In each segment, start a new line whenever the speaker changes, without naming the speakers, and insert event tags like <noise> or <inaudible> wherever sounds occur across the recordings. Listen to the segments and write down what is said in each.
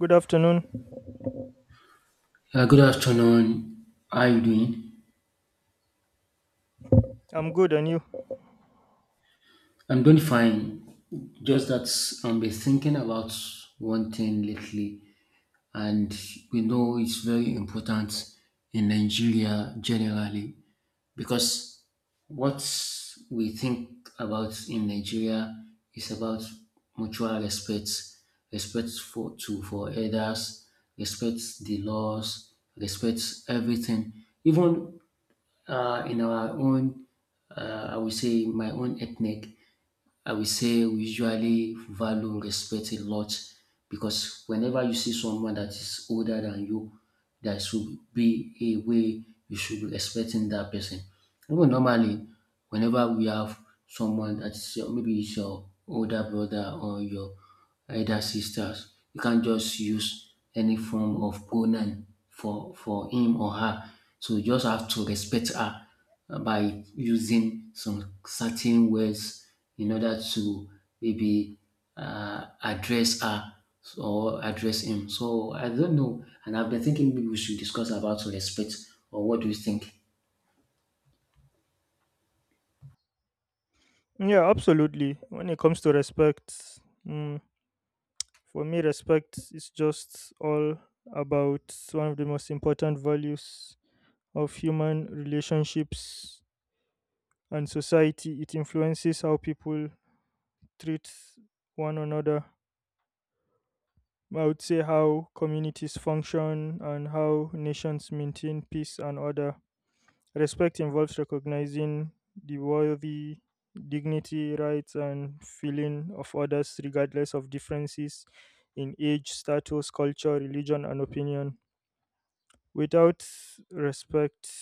Good afternoon.
Good afternoon. How are you doing?
I'm good, and you?
I'm doing fine. Just that I've been thinking about one thing lately, and we know it's very important in Nigeria generally because what we think about in Nigeria is about mutual respect, respect for elders, respect the laws, respect everything. Even in our own, I would say, in my own ethnic, I would say we usually value and respect a lot because whenever you see someone that is older than you, there should be a way you should be respecting that person. Even normally, whenever we have someone that's your, maybe it's your older brother or your elder sisters. You can't just use any form of pronoun for him or her. So you just have to respect her by using some certain words in order to maybe address her or address him. So I don't know, and I've been thinking maybe we should discuss about respect or what do you think?
Yeah, absolutely. When it comes to respect, mm, for me, respect is just all about one of the most important values of human relationships and society. It influences how people treat one another. I would say how communities function and how nations maintain peace and order. Respect involves recognizing the worthy, dignity, rights, and feeling of others, regardless of differences in age, status, culture, religion, and opinion. Without respect,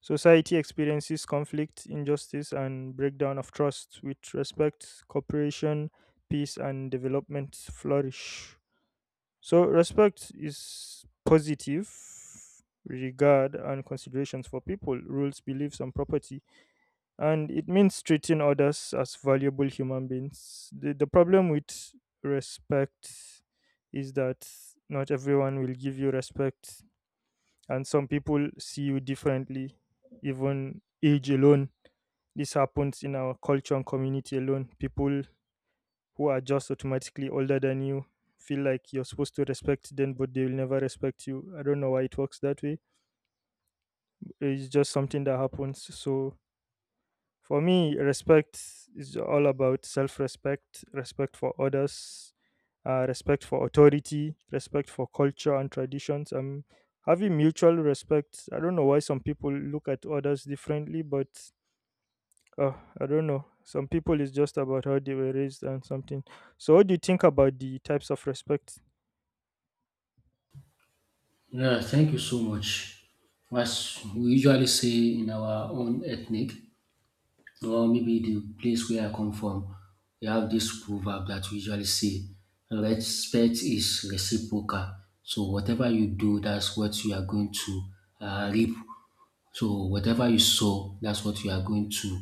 society experiences conflict, injustice, and breakdown of trust. With respect, cooperation, peace, and development flourish. So respect is positive regard and considerations for people, rules, beliefs, and property. And it means treating others as valuable human beings. The problem with respect is that not everyone will give you respect, and some people see you differently, even age alone. This happens in our culture and community alone. People who are just automatically older than you feel like you're supposed to respect them, but they will never respect you. I don't know why it works that way. It's just something that happens. So for me, respect is all about self-respect, respect for others, respect for authority, respect for culture and traditions, having mutual respect. I don't know why some people look at others differently, but oh, I don't know. Some people is just about how they were raised and something. So, what do you think about the types of respect?
Yeah, thank you so much. As we usually say in our own ethnic, or maybe the place where I come from, we have this proverb that we usually say, respect is reciprocal. So whatever you do, that's what you are going to reap. So whatever you sow, that's what you are going to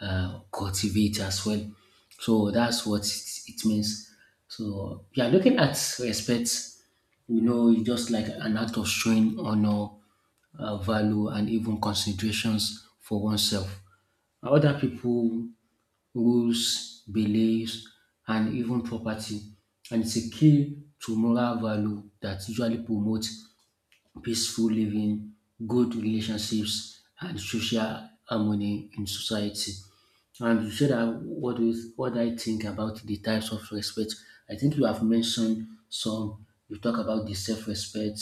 cultivate as well. So that's what it means. So we are looking at respect. You know, it's just like an act of showing honor, value, and even considerations for oneself. Other people, rules, beliefs, and even property. And it's a key to moral value that usually promotes peaceful living, good relationships, and social harmony in society. And you said that what do you, what I think about the types of respect? I think you have mentioned some. You talk about the self-respect,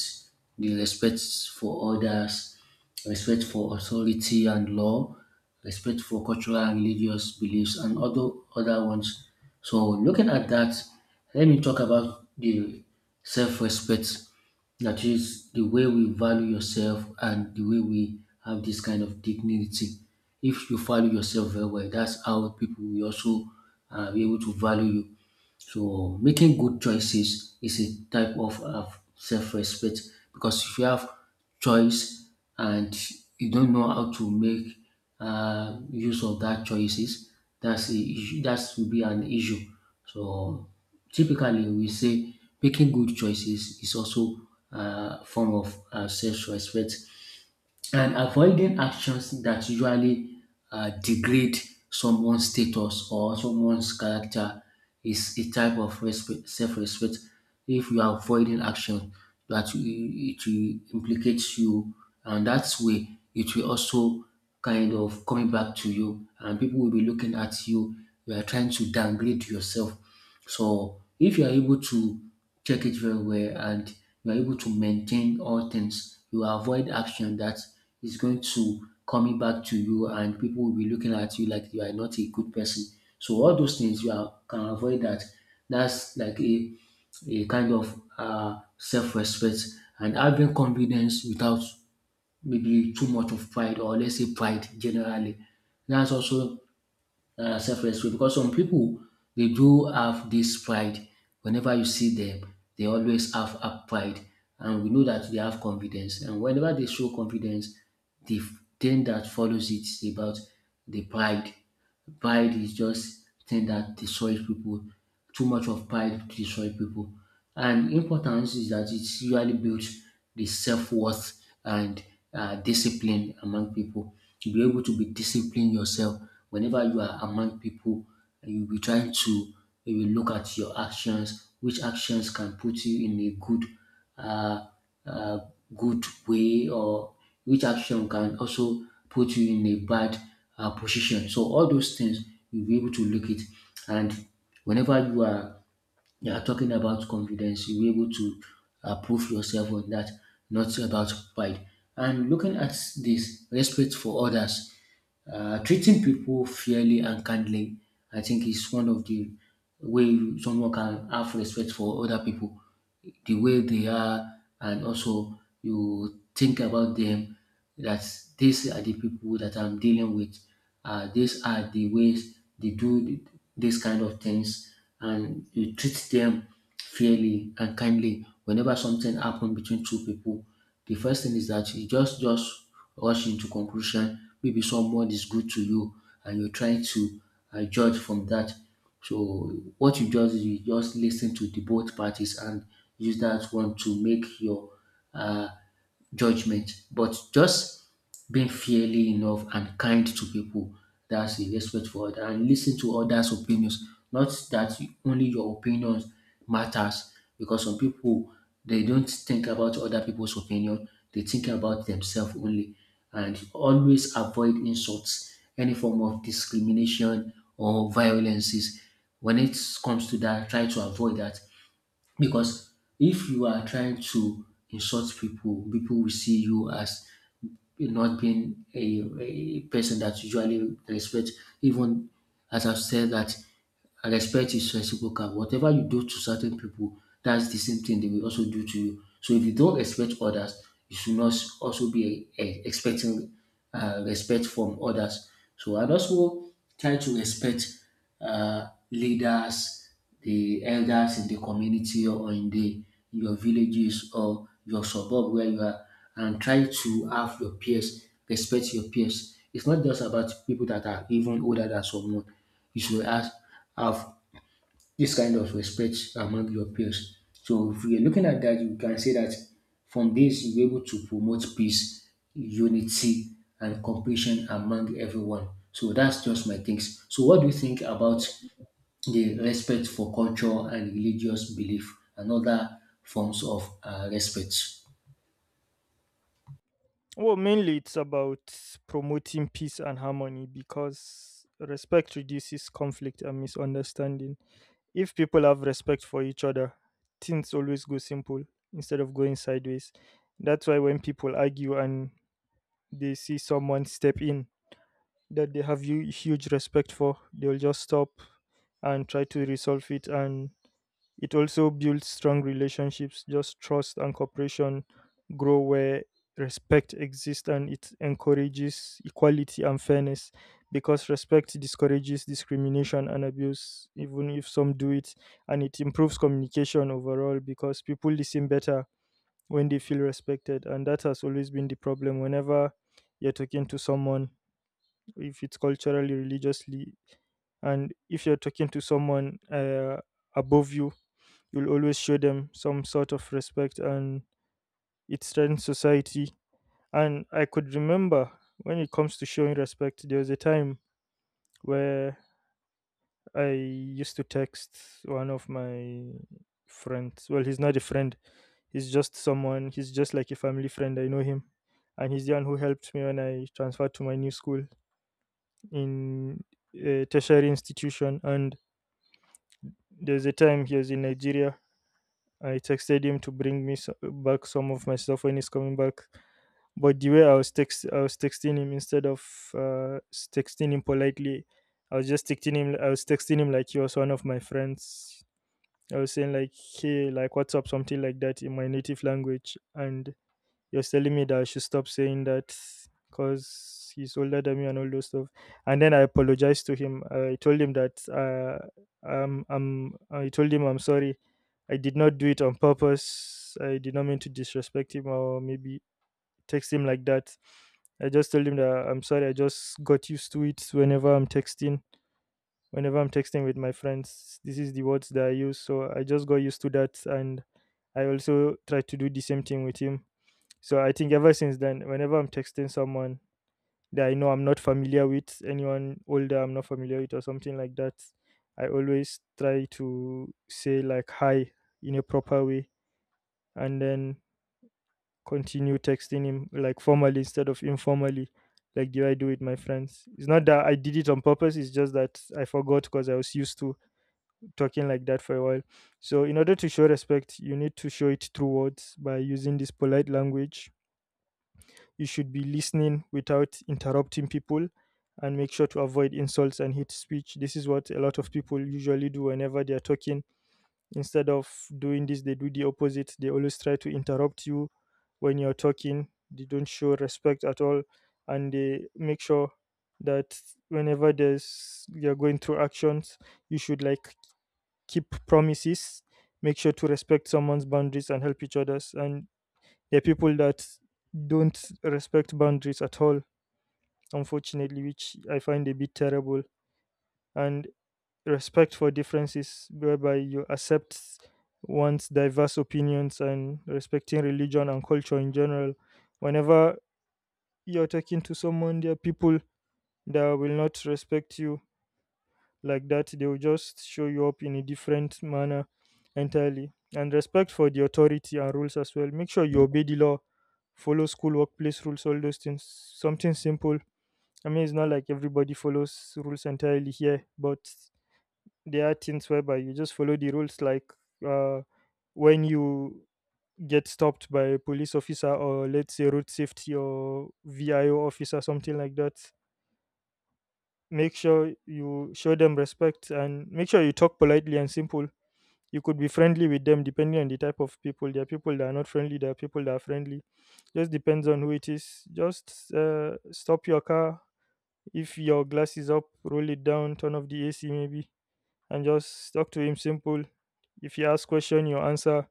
the respect for others, respect for authority and law, respect for cultural and religious beliefs, and other ones. So looking at that, let me talk about the self-respect. That is the way we value yourself and the way we have this kind of dignity. If you value yourself very well, that's how people will also be able to value you. So making good choices is a type of self-respect because if you have choice and you don't know how to make use of that choices, that's a issue, that will be an issue. So typically we say making good choices is also a form of self-respect, and avoiding actions that usually degrade someone's status or someone's character is a type of respect, self-respect. If you are avoiding action, that it will implicate you, and that way it will also kind of coming back to you, and people will be looking at you. You are trying to downgrade yourself, so if you are able to check it very well and you are able to maintain all things, you avoid action that is going to coming back to you and people will be looking at you like you are not a good person. So all those things you can avoid that. That's like a kind of self-respect, and having confidence without maybe too much of pride, or let's say pride generally. That's also self-respect because some people, they do have this pride. Whenever you see them, they always have a pride, and we know that they have confidence, and whenever they show confidence, the thing that follows it is about the pride. Pride is just thing that destroys people. Too much of pride destroys people. And importance is that it usually builds the self-worth and discipline among people. To be able to be disciplined yourself whenever you are among people, you'll be trying to, you will look at your actions, which actions can put you in a good uh, uh, good way, or which action can also put you in a bad position. So all those things you'll be able to look it. And whenever you are talking about confidence, you'll be able to prove yourself on that, not about pride. And looking at this respect for others. Treating people fairly and kindly, I think, is one of the way someone can have respect for other people, the way they are, and also you think about them that these are the people that I'm dealing with. These are the ways they do these kind of things, and you treat them fairly and kindly. Whenever something happens between two people, the first thing is that you just rush into conclusion. Maybe someone is good to you and you're trying to judge from that. So what you just listen to the both parties and use that one to make your uh, judgment, but just being fairly enough and kind to people. That's a respect for others, and listen to others' opinions. Not that only your opinions matters, because some people, they don't think about other people's opinion, they think about themselves only. And always avoid insults, any form of discrimination or violences. When it comes to that, try to avoid that, because if you are trying to insult people, people will see you as not being a person that usually respect. Even as I've said that, and respect is reciprocal. Whatever you do to certain people, that's the same thing they will also do to you. So if you don't respect others, you should not also be expecting respect from others. So and also try to respect leaders, the elders in the community or in the in your villages or your suburb where you are, and try to have your peers respect your peers. It's not just about people that are even older than someone. You should ask have this kind of respect among your peers. So if you're looking at that, you can say that from this you're able to promote peace, unity, and compassion among everyone. So that's just my things. So what do you think about the respect for culture and religious belief and other forms of respect?
Well, mainly it's about promoting peace and harmony because respect reduces conflict and misunderstanding. If people have respect for each other, things always go simple instead of going sideways. That's why when people argue and they see someone step in that they have you huge respect for, they'll just stop and try to resolve it. And it also builds strong relationships, just trust and cooperation grow where respect exists. And it encourages equality and fairness because respect discourages discrimination and abuse, even if some do it. And it improves communication overall because people listen better when they feel respected. And that has always been the problem. Whenever you're talking to someone, if it's culturally, religiously, and if you're talking to someone above you, you'll always show them some sort of respect, and it strengthens society. And I could remember, when it comes to showing respect, there was a time where I used to text one of my friends. Well, he's not a friend, he's just someone, he's just like a family friend. I know him. And he's the one who helped me when I transferred to my new school in a tertiary institution. And there's a time he was in Nigeria. I texted him to bring me back some of my stuff when he's coming back. But the way I was I was texting him instead of texting him politely. I was just texting him. I was texting him like he was one of my friends. I was saying like, "Hey, like, what's up?" Something like that in my native language, and he was telling me that I should stop saying that because he's older than me and all those stuff. And then I apologized to him. I told him that I told him I'm sorry. I did not do it on purpose. I did not mean to disrespect him, or maybe text him like that. I just told him that I'm sorry. I just got used to it. Whenever I'm texting with my friends, this is the words that I use. So I just got used to that, and I also tried to do the same thing with him. So I think ever since then, whenever I'm texting someone that I know I'm not familiar with, anyone older I'm not familiar with, or something like that, I always try to say like hi in a proper way, and then continue texting him like formally instead of informally, like do I do with my friends. It's not that I did it on purpose, it's just that I forgot because I was used to talking like that for a while. So, in order to show respect, you need to show it through words by using this polite language. You should be listening without interrupting people and make sure to avoid insults and hate speech. This is what a lot of people usually do whenever they are talking. Instead of doing this, they do the opposite. They always try to interrupt you when you're talking. They don't show respect at all, and they make sure that whenever there's you're going through actions, you should like keep promises. Make sure to respect someone's boundaries and help each other's. And there are people that don't respect boundaries at all, unfortunately, which I find a bit terrible. And respect for differences, whereby you accept one's diverse opinions and respecting religion and culture in general. Whenever you're talking to someone, there are people that will not respect you, like, that they will just show you up in a different manner entirely. And respect for the authority and rules as well. Make sure you obey the law, follow school workplace rules, all those things, something simple. I mean, it's not like everybody follows rules entirely here, but there are things whereby you just follow the rules, like uh, when you get stopped by a police officer or let's say road safety or VIO officer, something like that. Make sure you show them respect and make sure you talk politely and simple. You could be friendly with them depending on the type of people. There are people that are not friendly, there are people that are friendly. Just depends on who it is. Just stop your car. If your glass is up, roll it down, turn off the AC maybe, and just talk to him simple. If he asks question, you answer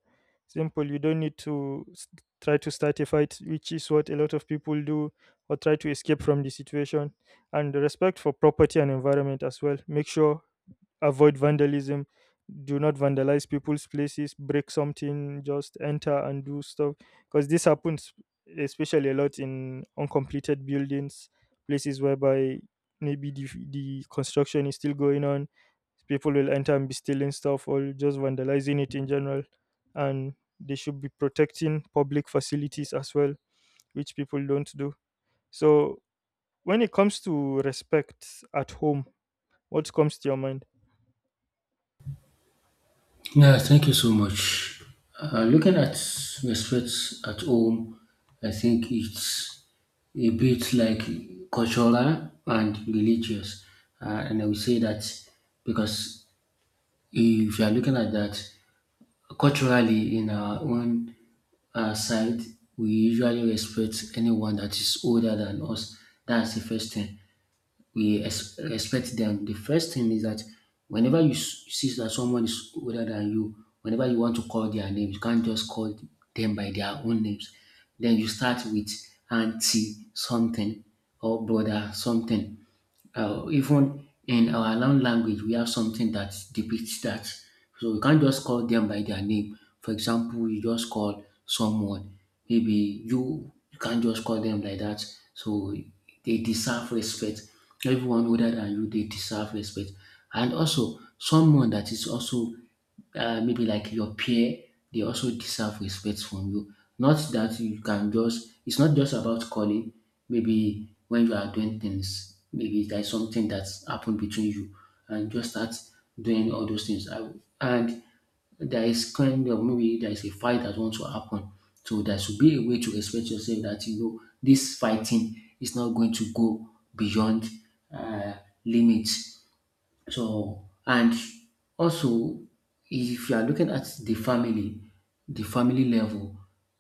simple. You don't need to try to start a fight, which is what a lot of people do, or try to escape from the situation. And respect for property and environment as well. Make sure avoid vandalism, do not vandalize people's places, break something, just enter and do stuff, because this happens especially a lot in uncompleted buildings, places whereby maybe the construction is still going on, people will enter and be stealing stuff or just vandalizing it in general. And they should be protecting public facilities as well, which people don't do. So when it comes to respect at home, what comes to your mind?
Yeah, thank you so much. Looking at respect at home, I think it's a bit like cultural and religious. And I would say that because if you are looking at that culturally in our own side, we usually respect anyone that is older than us. That's the first thing we expect them. The first thing is that whenever you see that someone is older than you, whenever you want to call their name, you can't just call them by their own names. Then you start with auntie something or brother something. Even in our own language, we have something that depicts that. So you can't just call them by their name. For example, you just call someone maybe, you can't just call them like that. So they deserve respect. Everyone older than you, they deserve respect. And also someone that is also maybe like your peer, they also deserve respect from you. Not that you can just, it's not just about calling. Maybe when you are doing things, maybe there's something that's happened between you and just start doing all those things. I, and there is kind of maybe there is a fight that wants to happen. So there should be a way to respect yourself, that you know this fighting is not going to go beyond uh, limits. So, and also, if you are looking at the family level,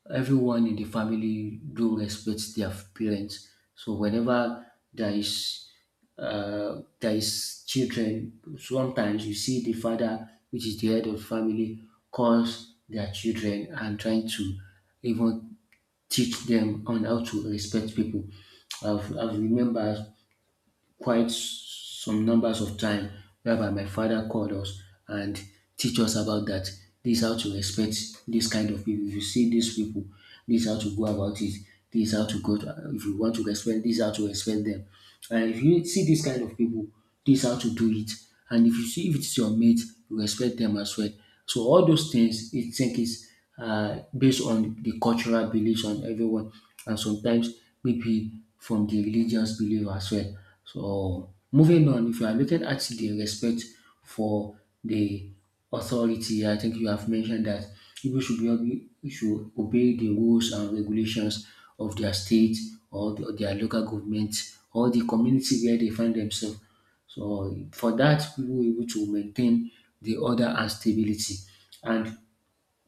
everyone in the family do respect their parents. So, whenever there is there is children, sometimes you see the father, which is the head of family, calls their children and trying to even teach them on how to respect people. I've remembered quite some numbers of time whereby my father called us and teach us about that. This is how to respect this kind of people. If you see these people, this is how to go about it. This is how to go. To, if you want to respect, this is how to respect them. And if you see this kind of people, this how to do it. And if you see if it's your mate, you respect them as well. So all those things, I think is based on the cultural beliefs on everyone, and sometimes maybe from the religious belief as well. So moving on, if you are looking at the respect for the authority, I think you have mentioned that people should should obey the rules and regulations of their state or their local government or the community where they find themselves. So, for that, people will be able to maintain the order and stability. And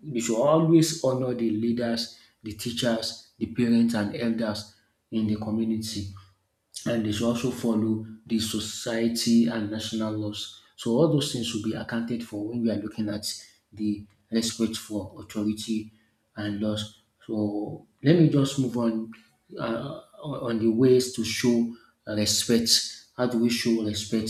we should always honor the leaders, the teachers, the parents, and elders in the community, and they should also follow the society and national laws. So all those things should be accounted for when we are looking at the respect for authority and laws. So let me just move on the ways to show respect. How do we show respect?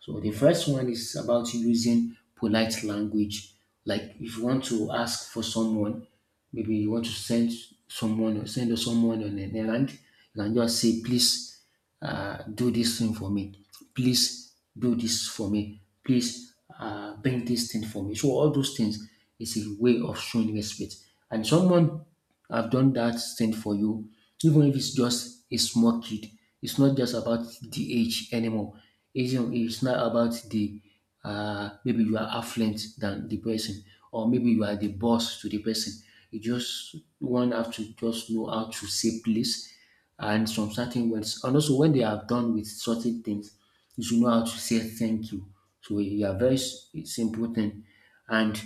So the first one is about using polite language. Like if you want to ask for someone, maybe you want to send someone or send someone on an errand, you can just say please do this thing for me. Please do this for me. Please bring this thing for me. So all those things is a way of showing respect. And someone have done that thing for you, even if it's just a small kid. It's not just about the age anymore. It's not about the maybe you are affluent than the person, or maybe you are the boss to the person. You just one have to just know how to say please and some certain words. And also, when they are done with certain things, you should know how to say thank you. So you are it's important. And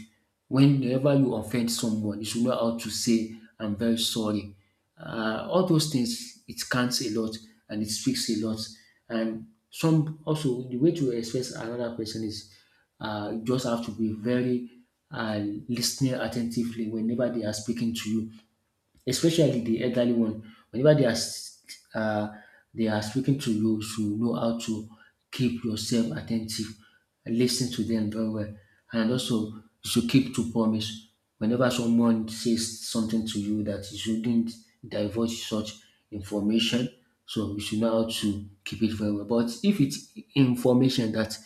whenever you offend someone, you should know how to say I'm very sorry. All those things it counts a lot and it speaks a lot. And some also the way to express another person is you just have to be very uh, listening attentively whenever they are speaking to you, especially the elderly one. Whenever uh, they are speaking to you, you should know how to keep yourself attentive and lis to them very well. And also, you should keep to promise. Whenever someone says something to you that you shouldn't divulge such information, so you should know how to keep it very well. But if it's information that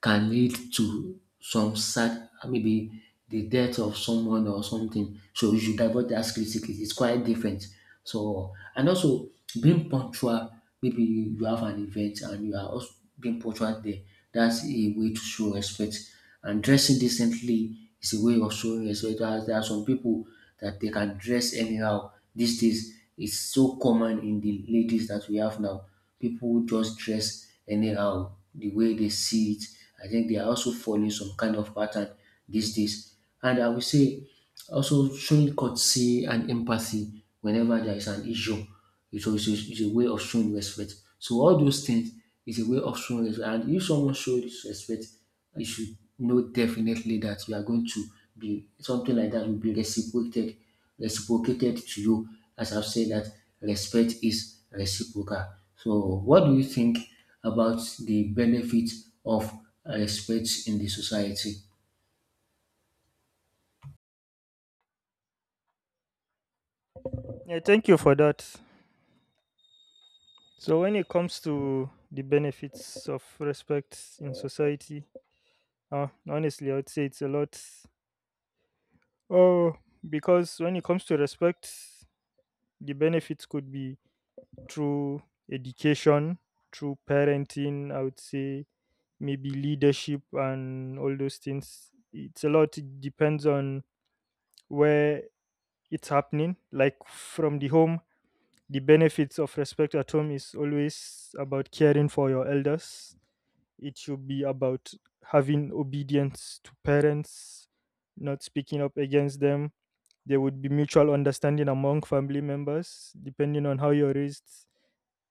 can lead to some sad maybe the death of someone or something. So you should avoid that critically. It's quite different. So and also being punctual. Maybe you have an event and you are also being punctual there. That's a way to show respect. And dressing decently is a way of showing respect. There are some people that they can dress anyhow these days. It's so common in the ladies that we have now. People just dress anyhow the way they see it. I think they are also following some kind of pattern these days. And I will say also showing courtesy and empathy whenever there is an issue. It's, also, it's a way of showing respect. So all those things is a way of showing respect. And if someone shows respect, you should know definitely that you are going to be something like that will be reciprocated to you. As I've said that respect is reciprocal. So what do you think about the benefit of respect in the society?
Yeah, thank you for that. So, when it comes to the benefits of respect in society, honestly, I would say it's a lot. Oh, because when it comes to respect, the benefits could be through education, through parenting, I would say maybe leadership and all those things. It's a lot, it depends on where it's happening. Like from the home, the benefits of respect at home is always about caring for your elders. It should be about having obedience to parents, not speaking up against them. There would be mutual understanding among family members, depending on how you're raised.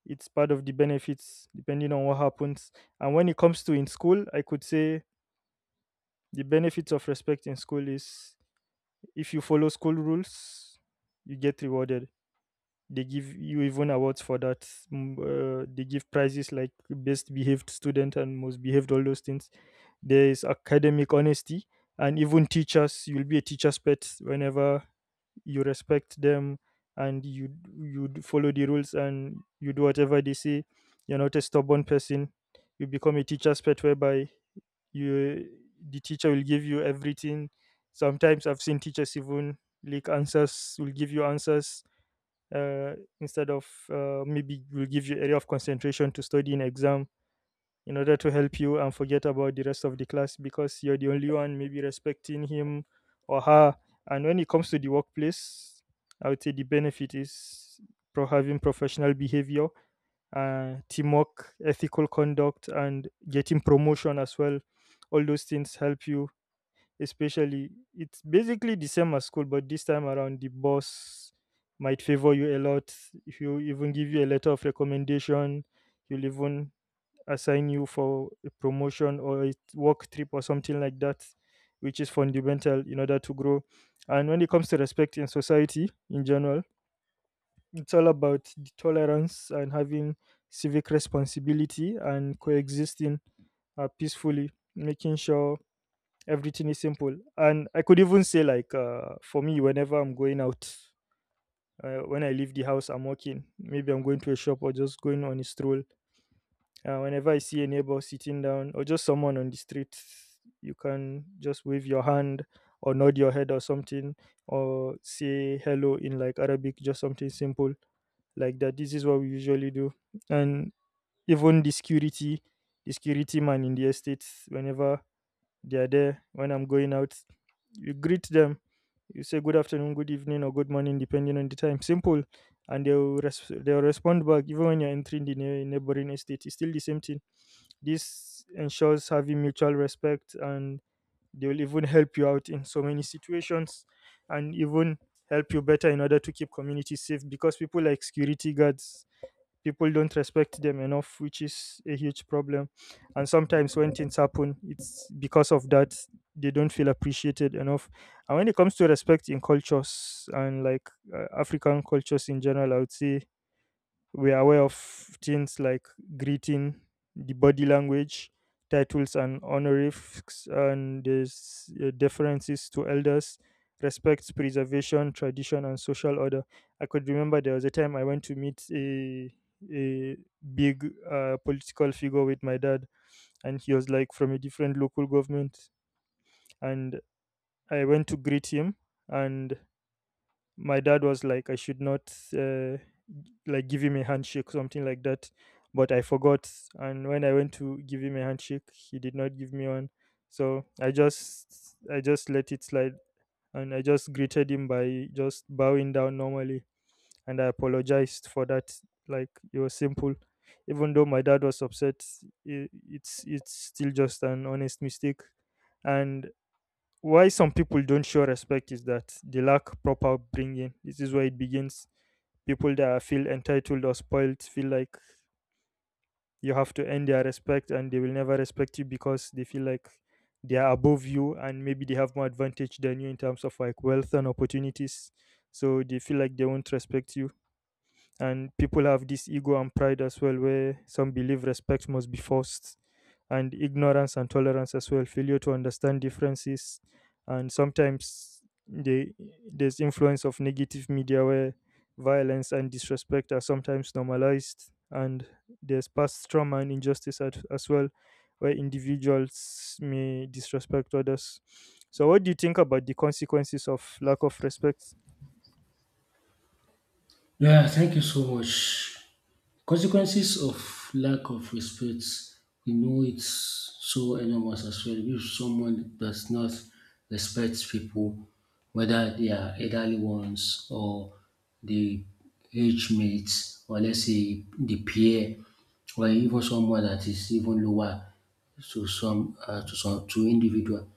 It's part of the benefits depending on what happens. And when it comes to in school, I could say the benefits of respect in school is if you follow school rules, you get rewarded. They give you even awards for that. Mm, they give prizes like best behaved student and most behaved, all those things. There is academic honesty, and even teachers, you'll be a teacher's pet whenever you respect them, and you follow the rules and you do whatever they say. You're not a stubborn person, you become a teacher's pet whereby you, the teacher will give you everything. Sometimes I've seen teachers even leak answers, will give you answers, uh, instead of maybe will give you area of concentration to study in exam in order to help you and forget about the rest of the class because you're the only one maybe respecting him or her. And when it comes to the workplace, I would say the benefit is pro having professional behavior, teamwork, ethical conduct, and getting promotion as well. All those things help you, especially it's basically the same as school, but this time around the boss might favor you a lot. If you even give you a letter of recommendation, you'll even assign you for a promotion or a work trip or something like that, which is fundamental in order to grow. And when it comes to respect in society in general, it's all about the tolerance and having civic responsibility and coexisting peacefully, making sure everything is simple. And I could even say, like, for me, whenever I'm going out, when I leave the house, I'm walking. Maybe I'm going to a shop or just going on a stroll. Whenever I see a neighbor sitting down or just someone on the street, you can just wave your hand or nod your head or something or say hello in like Arabic, just something simple like that. This is what we usually do. And even the security man in the estates, whenever they are there, when I'm going out, you greet them. You say good afternoon, good evening, or good morning, depending on the time. Simple, and they'll respond back. Even when you're entering the neighboring estate, it's still the same thing. This ensures having mutual respect, and they will even help you out in so many situations and even help you better in order to keep communities safe, because people like security guards, people don't respect them enough, which is a huge problem. And sometimes when things happen, it's because of that. They don't feel appreciated enough. And when it comes to respect in cultures and like African cultures in general, I would say we are aware of things like greeting, the body language, titles and honorifics, and there's deferences to elders, respect, preservation, tradition, and social order. I could remember there was a time I went to meet a big political figure with my dad, and he was like from a different local government, and I went to greet him, and my dad was like, I should not. Like give him a handshake, something like that. But I forgot, and when I went to give him a handshake, he did not give me one. So I just let it slide, and I just greeted him by just bowing down normally, and I apologized for that. Like it was simple, even though my dad was upset. I it's still just an honest mistake. And why some people don't show respect is that they lack proper upbringing. This is where it begins. People that feel entitled or spoiled feel like you have to earn their respect, and they will never respect you because they feel like they are above you, and maybe they have more advantage than you in terms of like wealth and opportunities, so they feel like they won't respect you. And people have this ego and pride as well, where some believe respect must be forced. And ignorance and tolerance as well, failure to understand differences. And sometimes they, there's influence of negative media where violence and disrespect are sometimes normalized, and there's past trauma and injustice at, as well, where individuals may disrespect others. So what do you think about the consequences of lack of respect?
Yeah, thank you so much. Consequences of lack of respect, we know it's so enormous as well. If someone does not respect people, whether they are elderly ones or the age mates, or let's say the peer, or even someone that is even lower to some to some to individual,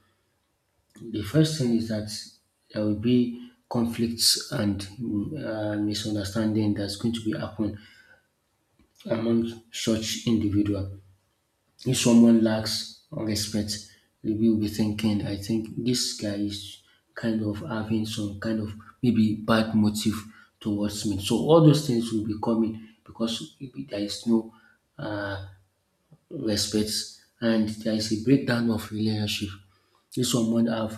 the first thing is that there will be conflicts and misunderstanding that's going to be happen among such individual. If someone lacks respect, we will be thinking, I think this guy is kind of having some kind of maybe bad motive towards me. So all those things will be coming because maybe there is no uh, respects and there is a breakdown of relationship. If someone have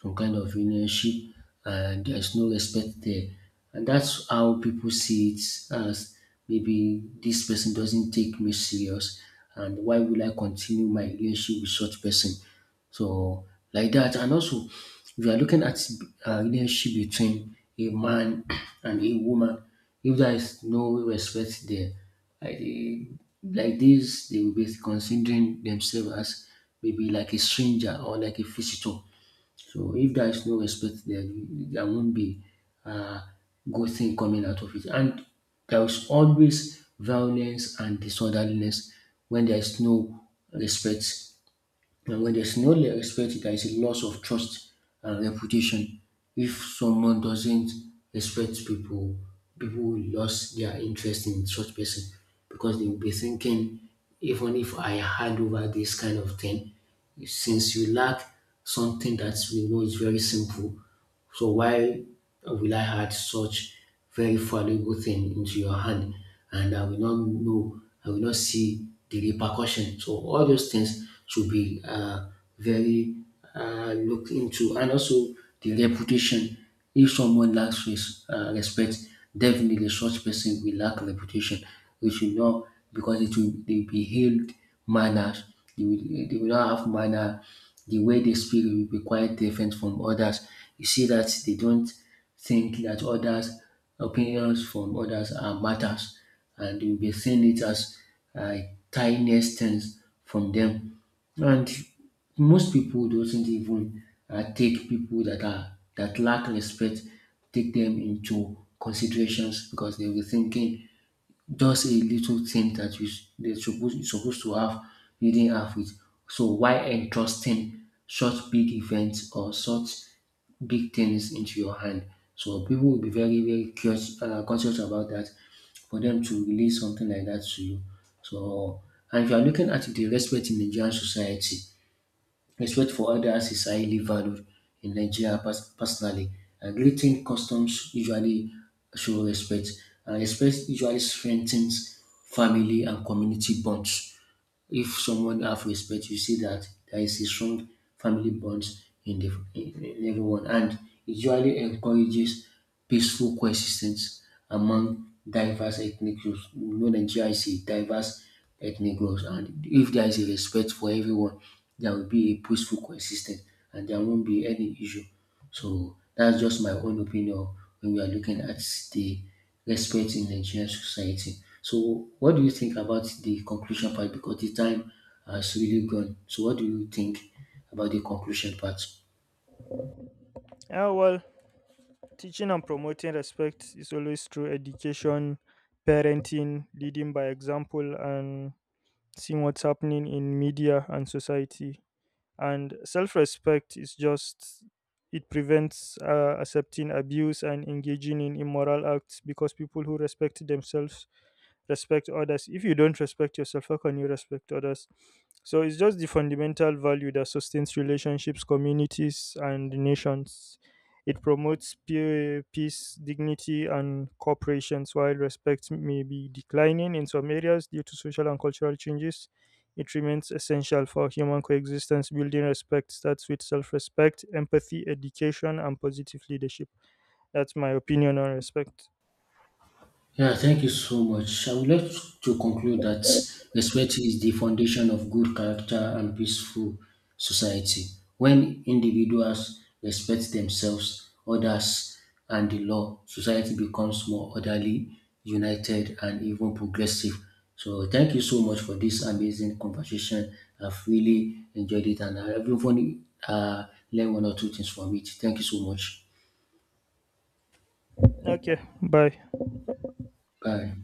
some kind of relationship and there is no respect there, and that's how people see it as maybe this person doesn't take me serious, and why will I continue my relationship with such person? So like that, and also if you are looking at a relationship between a man <clears throat> and a woman, if there is no respect there, like, this, they will be considering themselves as maybe like a stranger or like a visitor. So if there is no respect there, there won't be uh, good thing coming out of it. And there is always violence and disorderliness when there is no respect. And when there's no le- respect, there is a loss of trust and reputation. If someone doesn't respect people, people will lose their interest in such person because they will be thinking, even if I hand over this kind of thing, since you lack something that we know is very simple, so why will I add such very valuable thing into your hand and I will not see the repercussion. So all those things should be very looked into and also the reputation. If someone respect, definitely, such person will lack reputation. They should not because it will they will be hailed manners. They will not have manner. The way they speak will be quite different from others. You see that they don't think that others opinions from others are matters, and you'll be seeing it as uh, tiniest things from them. And most people doesn't even take people that are that lack respect, take them into considerations because they'll be thinking just a little thing that you're supposed to have, you didn't have it. So why entrusting such big events or such big things into your hand? So people will be very curious, conscious about that for them to release something like that to you. So and if you are looking at the respect in Nigerian society, respect for others is highly valued in personally. And greeting customs usually show respect, and respect usually strengthens family and community bonds. If someone have respect, you see that there is a strong family bond in in everyone, and it usually encourages peaceful coexistence among diverse ethnic groups. You know, Nigeria is a diverse ethnic groups, and if there is a respect for everyone, there will be a peaceful coexistence, and there won't be any issue. So that's just my own opinion when we are looking at the respect in Nigerian society. So what do you think about the conclusion part? Because the time has really gone. So what do you think about the conclusion part?
Yeah, well, teaching and promoting respect is always through education, parenting, leading by example, and seeing what's happening in media and society. And self respect is just, it prevents accepting abuse and engaging in immoral acts, because people who respect themselves respect others. If you don't respect yourself, how can you respect others? So it's just the fundamental value that sustains relationships, communities, and nations. It promotes peace, dignity, and cooperations, while respect may be declining in some areas due to social and cultural changes. It remains essential for human coexistence. Building respect starts with self respect, empathy, education, and positive leadership. That's my opinion on respect.
Yeah, thank you so much. I would like to conclude that respect is the foundation of good character and peaceful society. When individuals respect themselves, others, and the law, society becomes more orderly, united, and even progressive. So, thank you so much for this amazing conversation. I've really enjoyed it, and everyone learned one or two things from it. Thank you so much.
Okay, bye.
Bye.